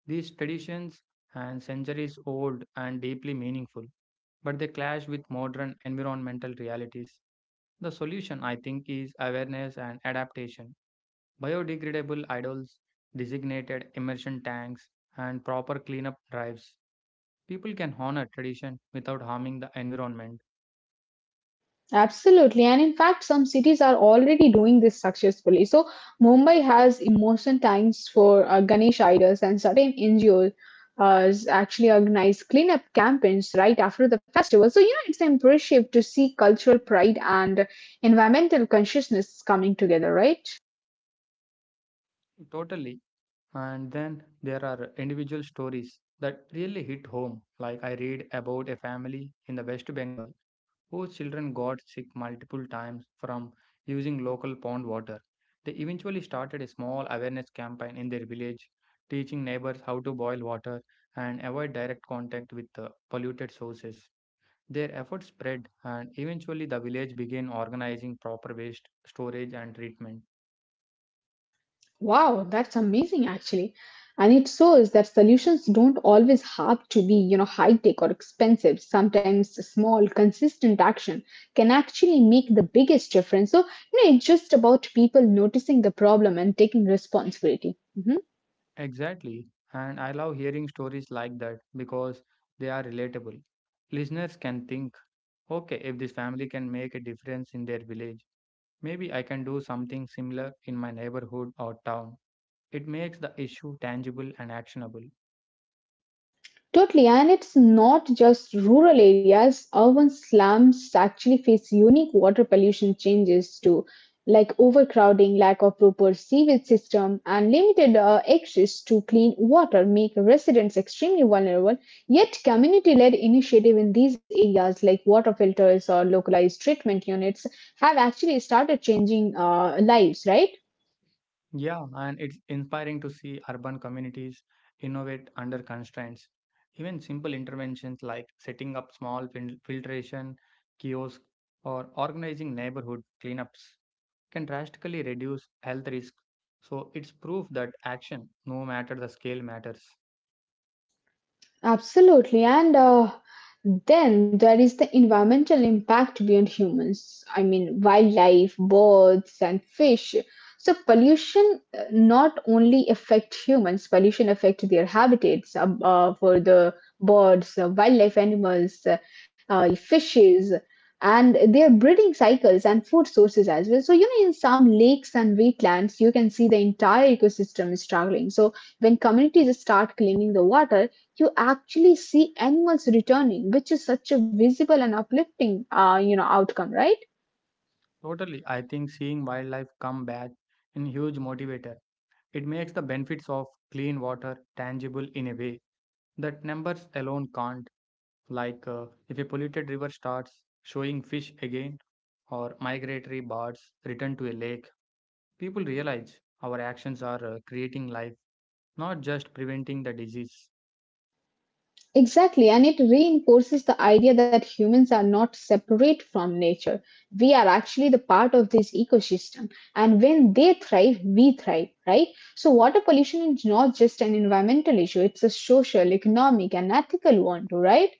These traditions and centuries old and deeply meaningful, but they clash with modern environmental realities. The solution, I think, is awareness and adaptation. Biodegradable idols, designated immersion tanks, and proper cleanup drives. People can honor tradition without harming the environment. Absolutely. And in fact, some cities are already doing this successfully. So, Mumbai has emotion times for Ganesh idols, and certain NGOs actually organize cleanup campaigns right after the festival. So, you know, it's impressive to see cultural pride and environmental consciousness coming together, right? Totally. And then there are individual stories that really hit home. Like I read about a family in the West Bengal whose children got sick multiple times from using local pond water. They eventually started a small awareness campaign in their village, teaching neighbors how to boil water and avoid direct contact with the polluted sources. Their efforts spread, and eventually, the village began organizing proper waste storage and treatment. Wow, that's amazing actually. And it shows that solutions don't always have to be, you know, high tech or expensive. Sometimes small, consistent action can actually make the biggest difference. So, you know, it's just about people noticing the problem and taking responsibility. Mhm. Exactly. And I love hearing stories like that because they are relatable. Listeners can think, okay, if this family can make a difference in their village, maybe I can do something similar in my neighborhood or town. It makes the issue tangible and actionable. Totally, and it's not just rural areas. Urban slums actually face unique water pollution changes too, like overcrowding, lack of proper sewage system, and limited access to clean water make residents extremely vulnerable. Yet, community-led initiative in these areas, like water filters or localized treatment units, have actually started changing lives, right? Yeah, and it's inspiring to see urban communities innovate under constraints. Even simple interventions like setting up small filtration kiosks or organizing neighborhood cleanups can drastically reduce health risk. So it's proof that action, no matter the scale, matters. Absolutely. And then there is the environmental impact beyond humans. I mean, wildlife, birds, and fish. So pollution not only affect humans, pollution affect their habitats for the birds, wildlife animals, fishes, and their breeding cycles and food sources as well. So, you know, in some lakes and wetlands, you can see the entire ecosystem is struggling. So, when communities start cleaning the water, you actually see animals returning, which is such a visible and uplifting, you know, outcome, right? Totally, I think seeing wildlife come back in huge motivator. It makes the benefits of clean water tangible in a way that numbers alone can't. Like if a polluted river starts showing fish again, or migratory birds return to a lake, people realize our actions are creating life, not just preventing the disease. Exactly, and it reinforces the idea that humans are not separate from nature. We are actually the part of this ecosystem, and when they thrive, we thrive, right? So, water pollution is not just an environmental issue; it's a social, economic, and ethical one too, right?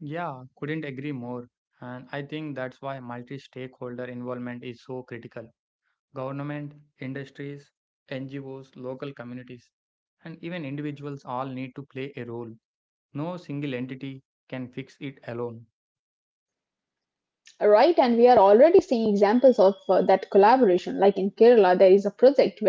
Yeah, couldn't agree more. And I think that's why multi stakeholder involvement is so critical. Government, industries, NGOs, local communities, and even individuals all need to play a role. No single entity can fix it alone. Right, and we are already seeing examples of that collaboration. Like in Kerala, there is a project.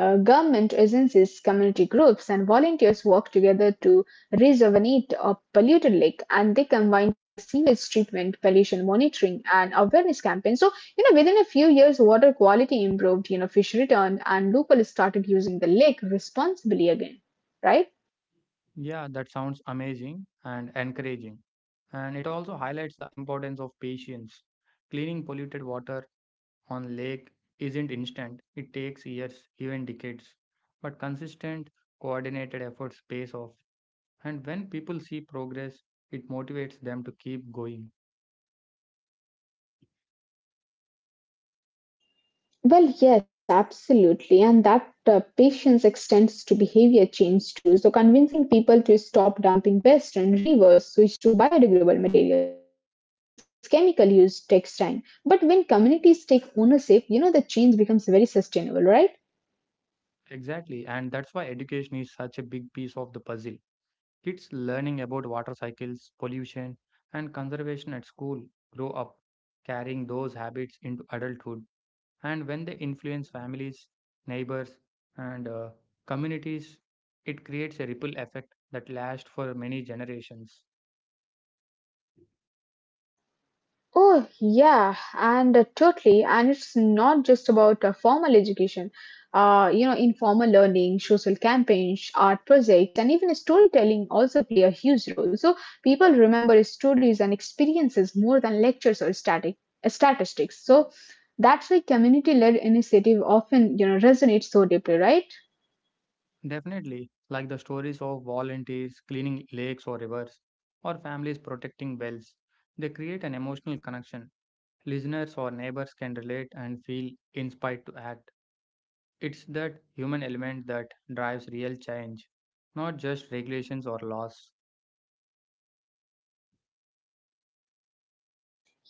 Government agencies, community groups, and volunteers work together to rejuvenate a polluted lake, and they combine sewage treatment, pollution monitoring, and awareness campaigns. So, you know, within a few years, water quality improved, you know, fish returned, and locals started using the lake responsibly again, right? Yeah, that sounds amazing and encouraging. And it also highlights the importance of patience. Cleaning polluted water on lake isn't instant, it takes years, even decades. But consistent, coordinated efforts pays off. And when people see progress, it motivates them to keep going. Well, yes, absolutely. And that patience extends to behavior change too. So, convincing people to stop dumping waste and rivers, switch to biodegradable materials, or reduce chemical use takes time. But when communities take ownership, you know, the change becomes very sustainable, right? Exactly. And that's why education is such a big piece of the puzzle. Kids learning about water cycles, pollution, and conservation at school grow up carrying those habits into adulthood. And when they influence families, neighbors, and communities, it creates a ripple effect that lasts for many generations. Oh, yeah, and totally. And it's not just about formal education. You know, informal learning, social campaigns, art projects, and even storytelling also play a huge role. So people remember stories and experiences more than lectures or static statistics. So that's why community-led initiative often, you know, resonates so deeply, right? Definitely, like the stories of volunteers cleaning lakes or rivers, or families protecting wells, they create an emotional connection. Listeners or neighbors can relate and feel inspired to act. It's that human element that drives real change, not just regulations or laws.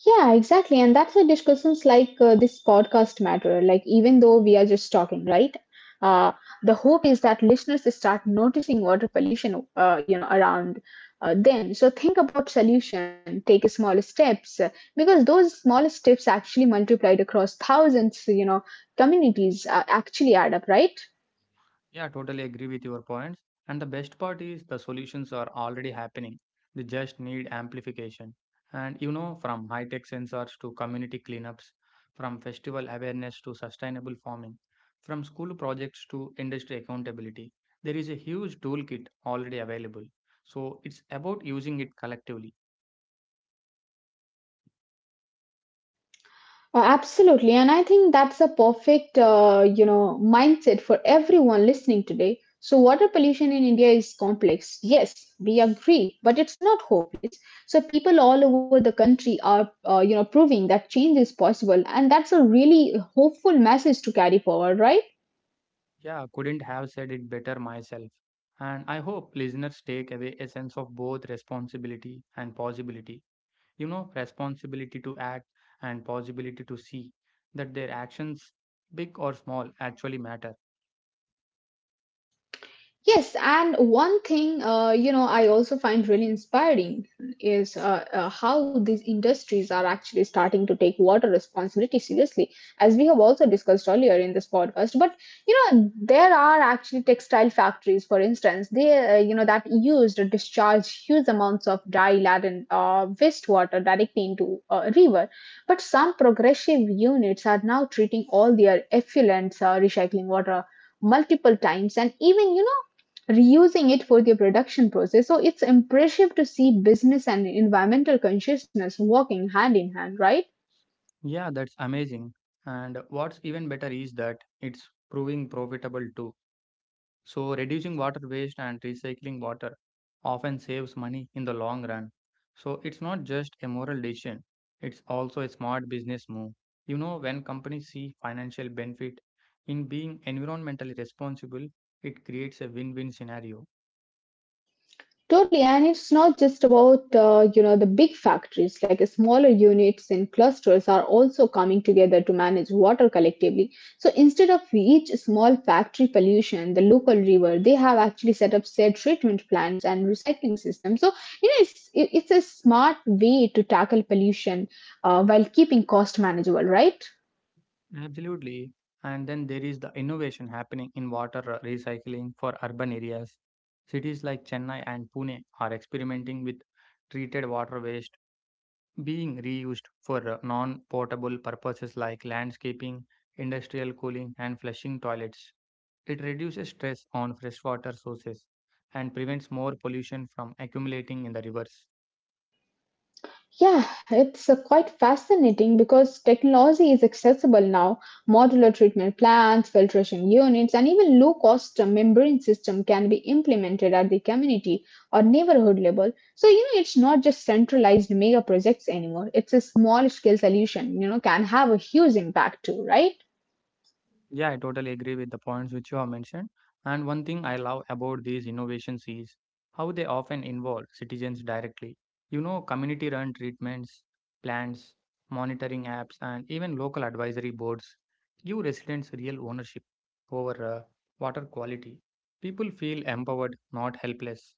Yeah, exactly. And that's why discussions like this podcast matter, like, even though we are just talking, right? Uh, the hope is that listeners start noticing water pollution, you know, around them. So think about solution, take small steps, because those small steps actually multiplied across thousands, you know, communities actually add up, right? Yeah, totally agree with your points. And the best part is the solutions are already happening. They just need amplification. And you know, from high tech sensors to community cleanups, from festival awareness to sustainable farming, from school projects to industry accountability, there is a huge toolkit already available. So it's about using it collectively. Absolutely. And I think that's a perfect, you know, mindset for everyone listening today. So water pollution in India is complex. Yes, we agree, but it's not hopeless. So people all over the country are, you know, proving that change is possible. And that's a really hopeful message to carry forward, right? Yeah, couldn't have said it better myself. And I hope listeners take away a sense of both responsibility and possibility, you know, responsibility to act and possibility to see that their actions, big or small, actually matter. Yes, and one thing you know I also find really inspiring is how these industries are actually starting to take water responsibility seriously, as we have also discussed earlier in this podcast. But you know there are actually textile factories, for instance, they you know that used or discharge huge amounts of dye laden and wastewater directly into a river. But some progressive units are now treating all their effluents, recycling water multiple times and even you know reusing it for their production process. So it's impressive to see business and environmental consciousness working hand in hand, right? Yeah, that's amazing. And what's even better is that it's proving profitable too. So reducing water waste and recycling water often saves money in the long run. So it's not just a moral decision, it's also a smart business move. You know, when companies see financial benefit in being environmentally responsible, it creates a win-win scenario. Totally, and it's not just about you know the big factories. Like smaller units and clusters are also coming together to manage water collectively. So instead of each small factory pollution, the local river, they have actually set up said treatment plants and recycling systems. So you know it's a smart way to tackle pollution while keeping cost manageable, right? Absolutely. And then there is the innovation happening in water recycling for urban areas. Cities like Chennai and Pune are experimenting with treated water waste being reused for non potable purposes like landscaping, industrial cooling, and flushing toilets. It reduces stress on freshwater sources and prevents more pollution from accumulating in the rivers. Yeah, it's quite fascinating because technology is accessible now. Modular treatment plants, filtration units, and even low cost membrane system can be implemented at the community or neighborhood level. So, you know, it's not just centralized mega projects anymore. It's a small scale solution, you know, can have a huge impact too, right? Yeah, I totally agree with the points which you have mentioned. And one thing I love about these innovations is how they often involve citizens directly. You know, community run treatments, plants, monitoring apps, and even local advisory boards give residents real ownership over water quality. People feel empowered, not helpless.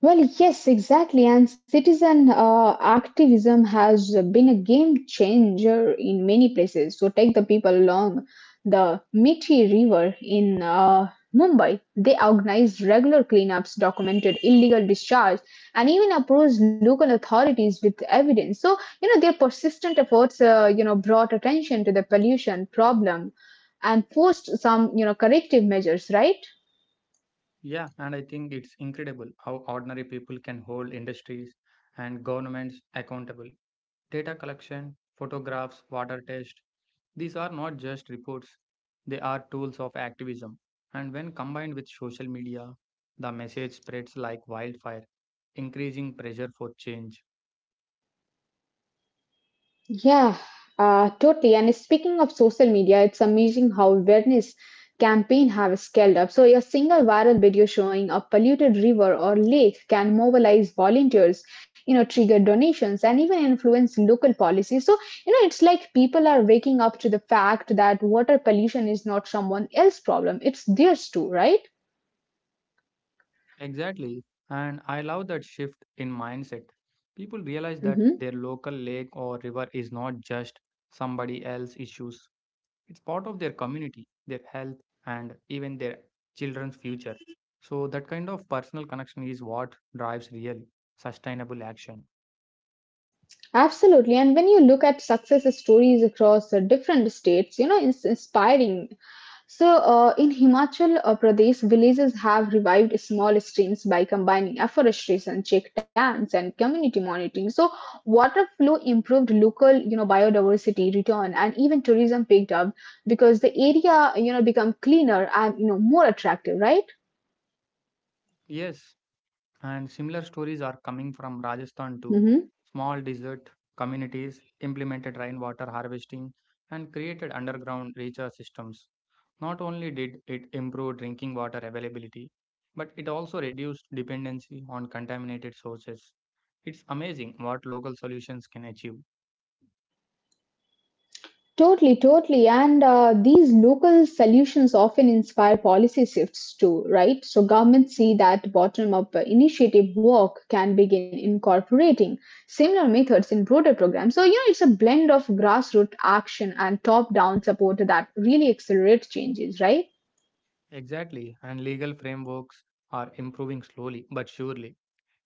Well, yes, exactly. And citizen activism has been a game changer in many places. So, take the people along the Mithi River in Mumbai. They organized regular cleanups, documented illegal discharge, and even approached local authorities with evidence. So, you know, their persistent efforts, you know, brought attention to the pollution problem and forced some, you know, corrective measures, right? Yeah, and I think it's incredible how ordinary people can hold industries and governments accountable. Data collection, photographs, water tests, these are not just reports, they are tools of activism. And when combined with social media, the message spreads like wildfire, increasing pressure for change. Yeah, totally. And speaking of social media, it's amazing how awareness campaign have scaled up. So a single viral video showing a polluted river or lake can mobilize volunteers, you know, trigger donations and even influence local policy. So, you know, it's like people are waking up to the fact that water pollution is not someone else's problem. It's theirs too, right? Exactly. And I love that shift in mindset. People realize that Mm-hmm. their local lake or river is not just somebody else's issues. It's part of their community, their health, and even their children's future. So, that kind of personal connection is what drives real, sustainable action. Absolutely. And when you look at success stories across the different states, you know, it's inspiring. So, in Himachal Pradesh, villages have revived small streams by combining afforestation, check dams, and community monitoring. So, water flow improved local, you know, biodiversity return, and even tourism picked up because the area, you know, become cleaner and you know more attractive, right? Yes, and similar stories are coming from Rajasthan too. Mhm. Small desert communities implemented rainwater harvesting and created underground recharge systems. Not only did it improve drinking water availability, but it also reduced dependency on contaminated sources. It's amazing what local solutions can achieve. Totally, totally. And these local solutions often inspire policy shifts too, right? So governments see that bottom-up initiative work can begin incorporating similar methods in broader programs. So, you know, it's a blend of grassroots action and top-down support that really accelerates changes, right? Exactly, and legal frameworks are improving slowly but surely.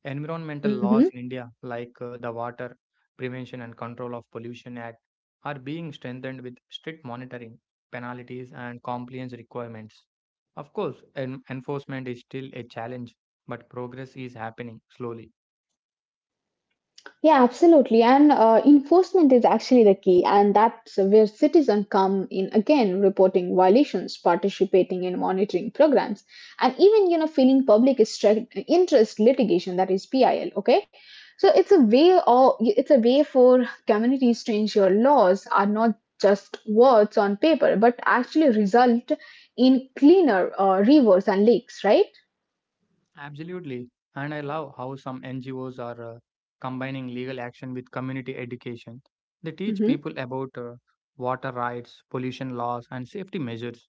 Environmental Hmm. laws in India, like the Water Prevention and Control of Pollution Act, are being strengthened with strict monitoring, penalties, and compliance requirements. Of course, enforcement is still a challenge, but progress is happening slowly. Yeah, absolutely. And enforcement is actually the key, and that's where citizens come in again, reporting violations, participating in monitoring programs, and even you know filing interest litigation, that is PIL. Okay, so it's a way or it's a way for communities to ensure laws are not just words on paper, but actually result in cleaner rivers and lakes, right? Absolutely. And I love how some NGOs are combining legal action with community education. They teach Mm-hmm. people about water rights, pollution laws, and safety measures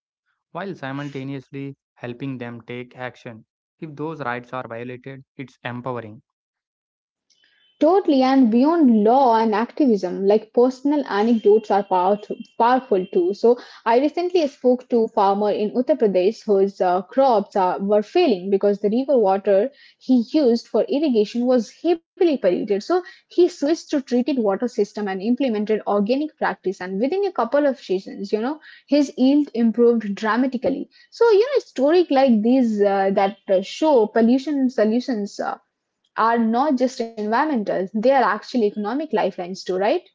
while simultaneously helping them take action. If those rights are violated, it's empowering. Totally, and beyond law and activism, like personal anecdotes are powerful, powerful too. So, I recently spoke to a farmer in Uttar Pradesh whose crops were failing because the river water he used for irrigation was heavily polluted. So, he switched to treated water system and implemented organic practice. And within a couple of seasons, you know, his yield improved dramatically. So, you know, stories like these that show pollution solutions. Are not just environmental, they are actually economic lifelines too, right?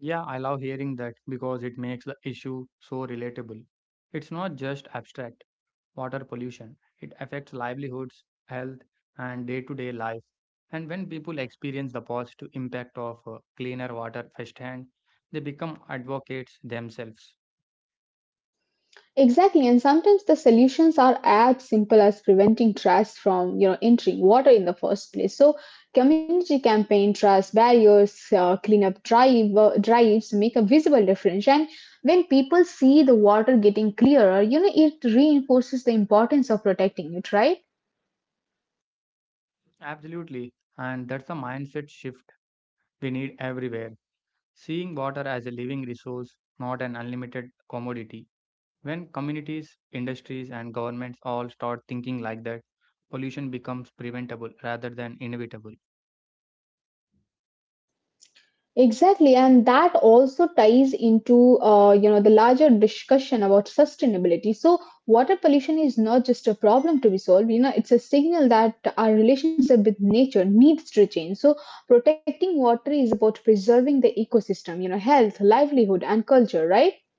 Yeah, I love hearing that because it makes the issue so relatable. It's not just abstract water pollution, it affects livelihoods, health, and day to day life. And when people experience the positive impact of cleaner water firsthand, they become advocates themselves. Exactly, and sometimes the solutions are as simple as preventing trash from you know entering water in the first place. So, community campaign, trash barriers, cleanup drives make a visible difference. And when people see the water getting clearer, it reinforces the importance of protecting it, right? Absolutely. And that's the mindset shift we need everywhere. Seeing water as a living resource, not an unlimited commodity. When communities, industries, and governments all start thinking like that, pollution becomes preventable rather than inevitable. Exactly, and that also ties into the larger discussion about sustainability. So water pollution is not just a problem to be solved. It's a signal that our relationship with nature needs to change. So protecting water is about preserving the ecosystem. Health, livelihood, and culture. Right?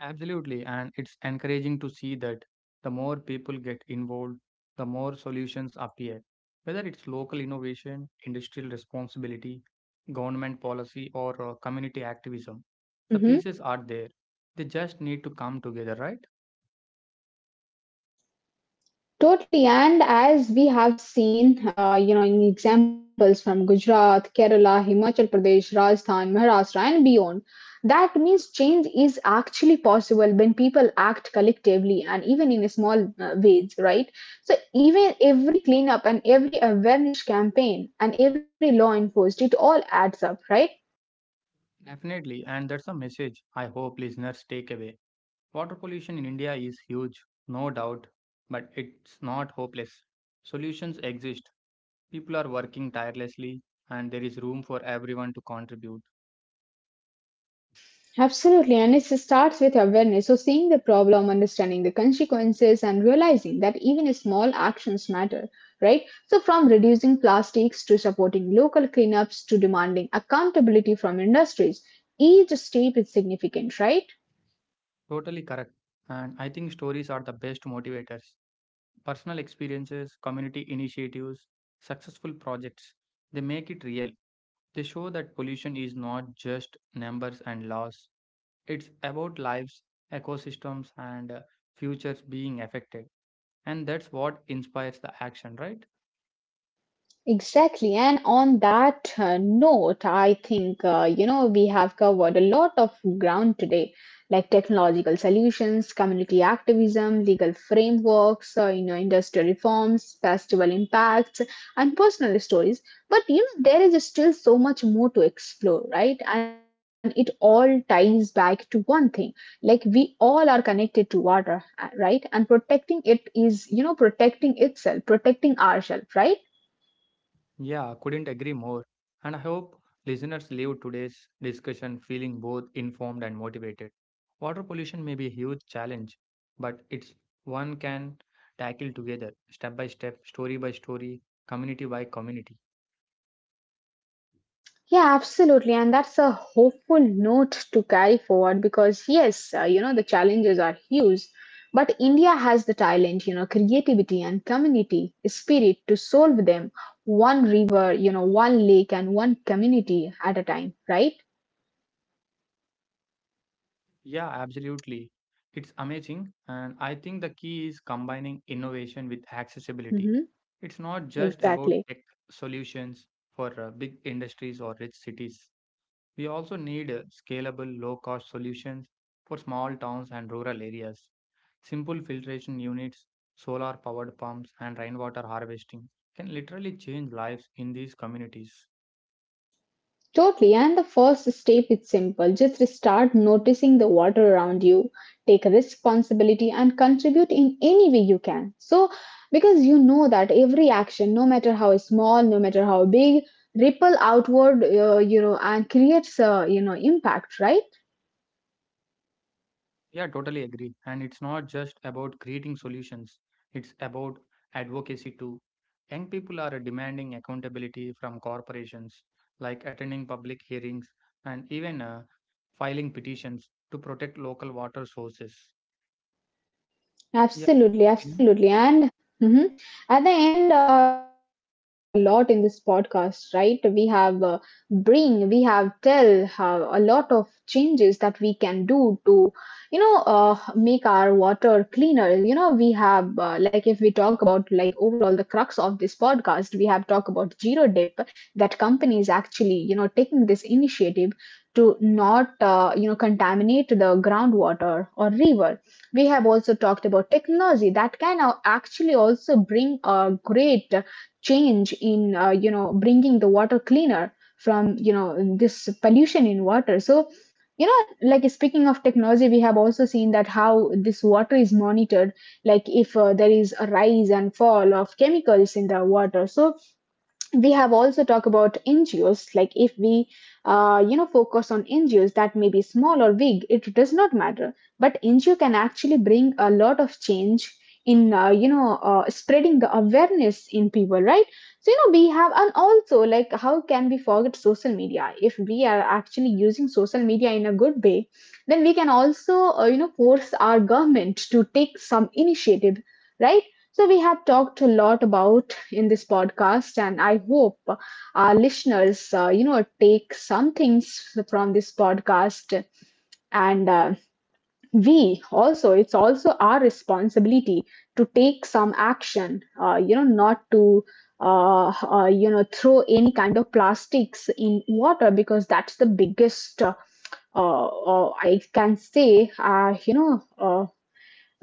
Absolutely, and it's encouraging to see that the more people get involved, the more solutions appear. Whether it's local innovation, industrial responsibility, government policy, or community activism, the Mm-hmm. pieces are there. They just need to come together, right? Totally, and as we have seen, in examples from Gujarat, Kerala, Himachal Pradesh, Rajasthan, Maharashtra, and beyond, that means change is actually possible when people act collectively and even in a small ways, right? So even every cleanup and every awareness campaign and every law enforced, it all adds up, right? Definitely, and that's a message I hope listeners take away. Water pollution in India is huge, no doubt, but it's not hopeless. Solutions exist. People are working tirelessly, and there is room for everyone to contribute. Absolutely, and it starts with awareness. So, seeing the problem, understanding the consequences, and realizing that even small actions matter, right? So, from reducing plastics to supporting local cleanups to demanding accountability from industries, each step is significant, right? Totally correct. And I think stories are the best motivators. Personal experiences, community initiatives, successful projects, they make it real. They show that pollution is not just numbers and laws, it's about lives, ecosystems, and futures being affected. And that's what inspires the action, right? Exactly. And on that note, I think, we have covered a lot of ground today, like technological solutions, community activism, legal frameworks, industrial reforms, festival impacts, and personal stories. But there is still so much more to explore, right? And it all ties back to one thing, like we all are connected to water, right? And protecting it is, protecting itself, protecting ourselves, right? Yeah, couldn't agree more. And I hope listeners leave today's discussion feeling both informed and motivated. Water pollution may be a huge challenge, but it's one can tackle together, step by step, story by story, community by community. Yeah, absolutely. And that's a hopeful note to carry forward because, yes, the challenges are huge, but India has the talent, creativity and community spirit to solve them one river, one lake and one community at a time, right? Yeah, absolutely. It's amazing, and I think the key is combining innovation with accessibility. Mm-hmm. It's not just about Exactly. tech solutions for big industries or rich cities. We also need scalable, low cost solutions for small towns and rural areas. Simple filtration units, solar powered pumps, and rainwater harvesting can literally change lives in these communities. Totally. And the first step is simple. Just start noticing the water around you. Take responsibility and contribute in any way you can. So, because you know that every action, no matter how small, no matter how big, ripple outward, and creates a, impact, right? Yeah, totally agree. And it's not just about creating solutions, it's about advocacy too. Young people are demanding accountability from corporations, like attending public hearings and even filing petitions to protect local water sources. Yeah, what's your Absolutely, opinion? absolutely. And mhm. At the end, like we have covered a lot in this podcast, right? We have we have tell how a lot of changes that we can do to, make our water cleaner. You know, we have, like, if we talk about, like, overall the crux of this podcast, we have talked about Zero Dip, that company is actually, taking this initiative to not, you know, contaminate the groundwater or river. We have also talked about technology that actually also bring a great change in, you know, bringing the water cleaner from, this pollution in water. So, like speaking of technology, we have also seen that how this water is monitored, like if there is a rise and fall of chemicals in the water. So, we have also talked about NGOs. Like if we, you know, focus on NGOs that may be small or big, it does not matter. But NGO can actually bring a lot of change in, spreading the awareness in people, right? So, we have, and also, like, how can we forget social media? If we are actually using social media in a good way, then we can also, force our government to take some initiative, right? So we have talked a lot about in this podcast, and I hope our listeners take some things from this podcast. And We also, it's also our responsibility to take some action, not to throw any kind of plastics in water because that's the biggest uh, I can say, you know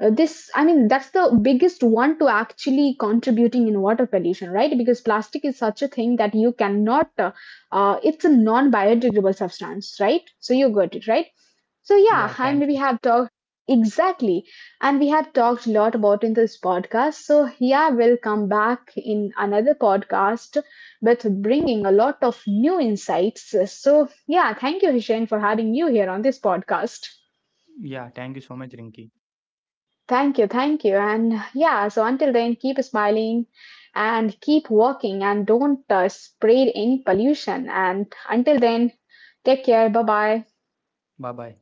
this I mean, that's the biggest one to actually contributing in water pollution, right? Because plastic is such a thing that you cannot it's a non-biodegradable substance, right? So you got it, right? So yeah, Yeah, I thank we you. have talked. Exactly. And we have talked a lot about in this podcast. So yeah, we'll come back in another podcast with bringing a lot of new insights. So yeah, thank you, Hishain, for having you here on this podcast. Yeah, thank you so much, Rinky. Thank you, thank you. And yeah, so until then, keep smiling and keep working and don't spread any pollution. And until then, take care. Bye bye. Bye bye.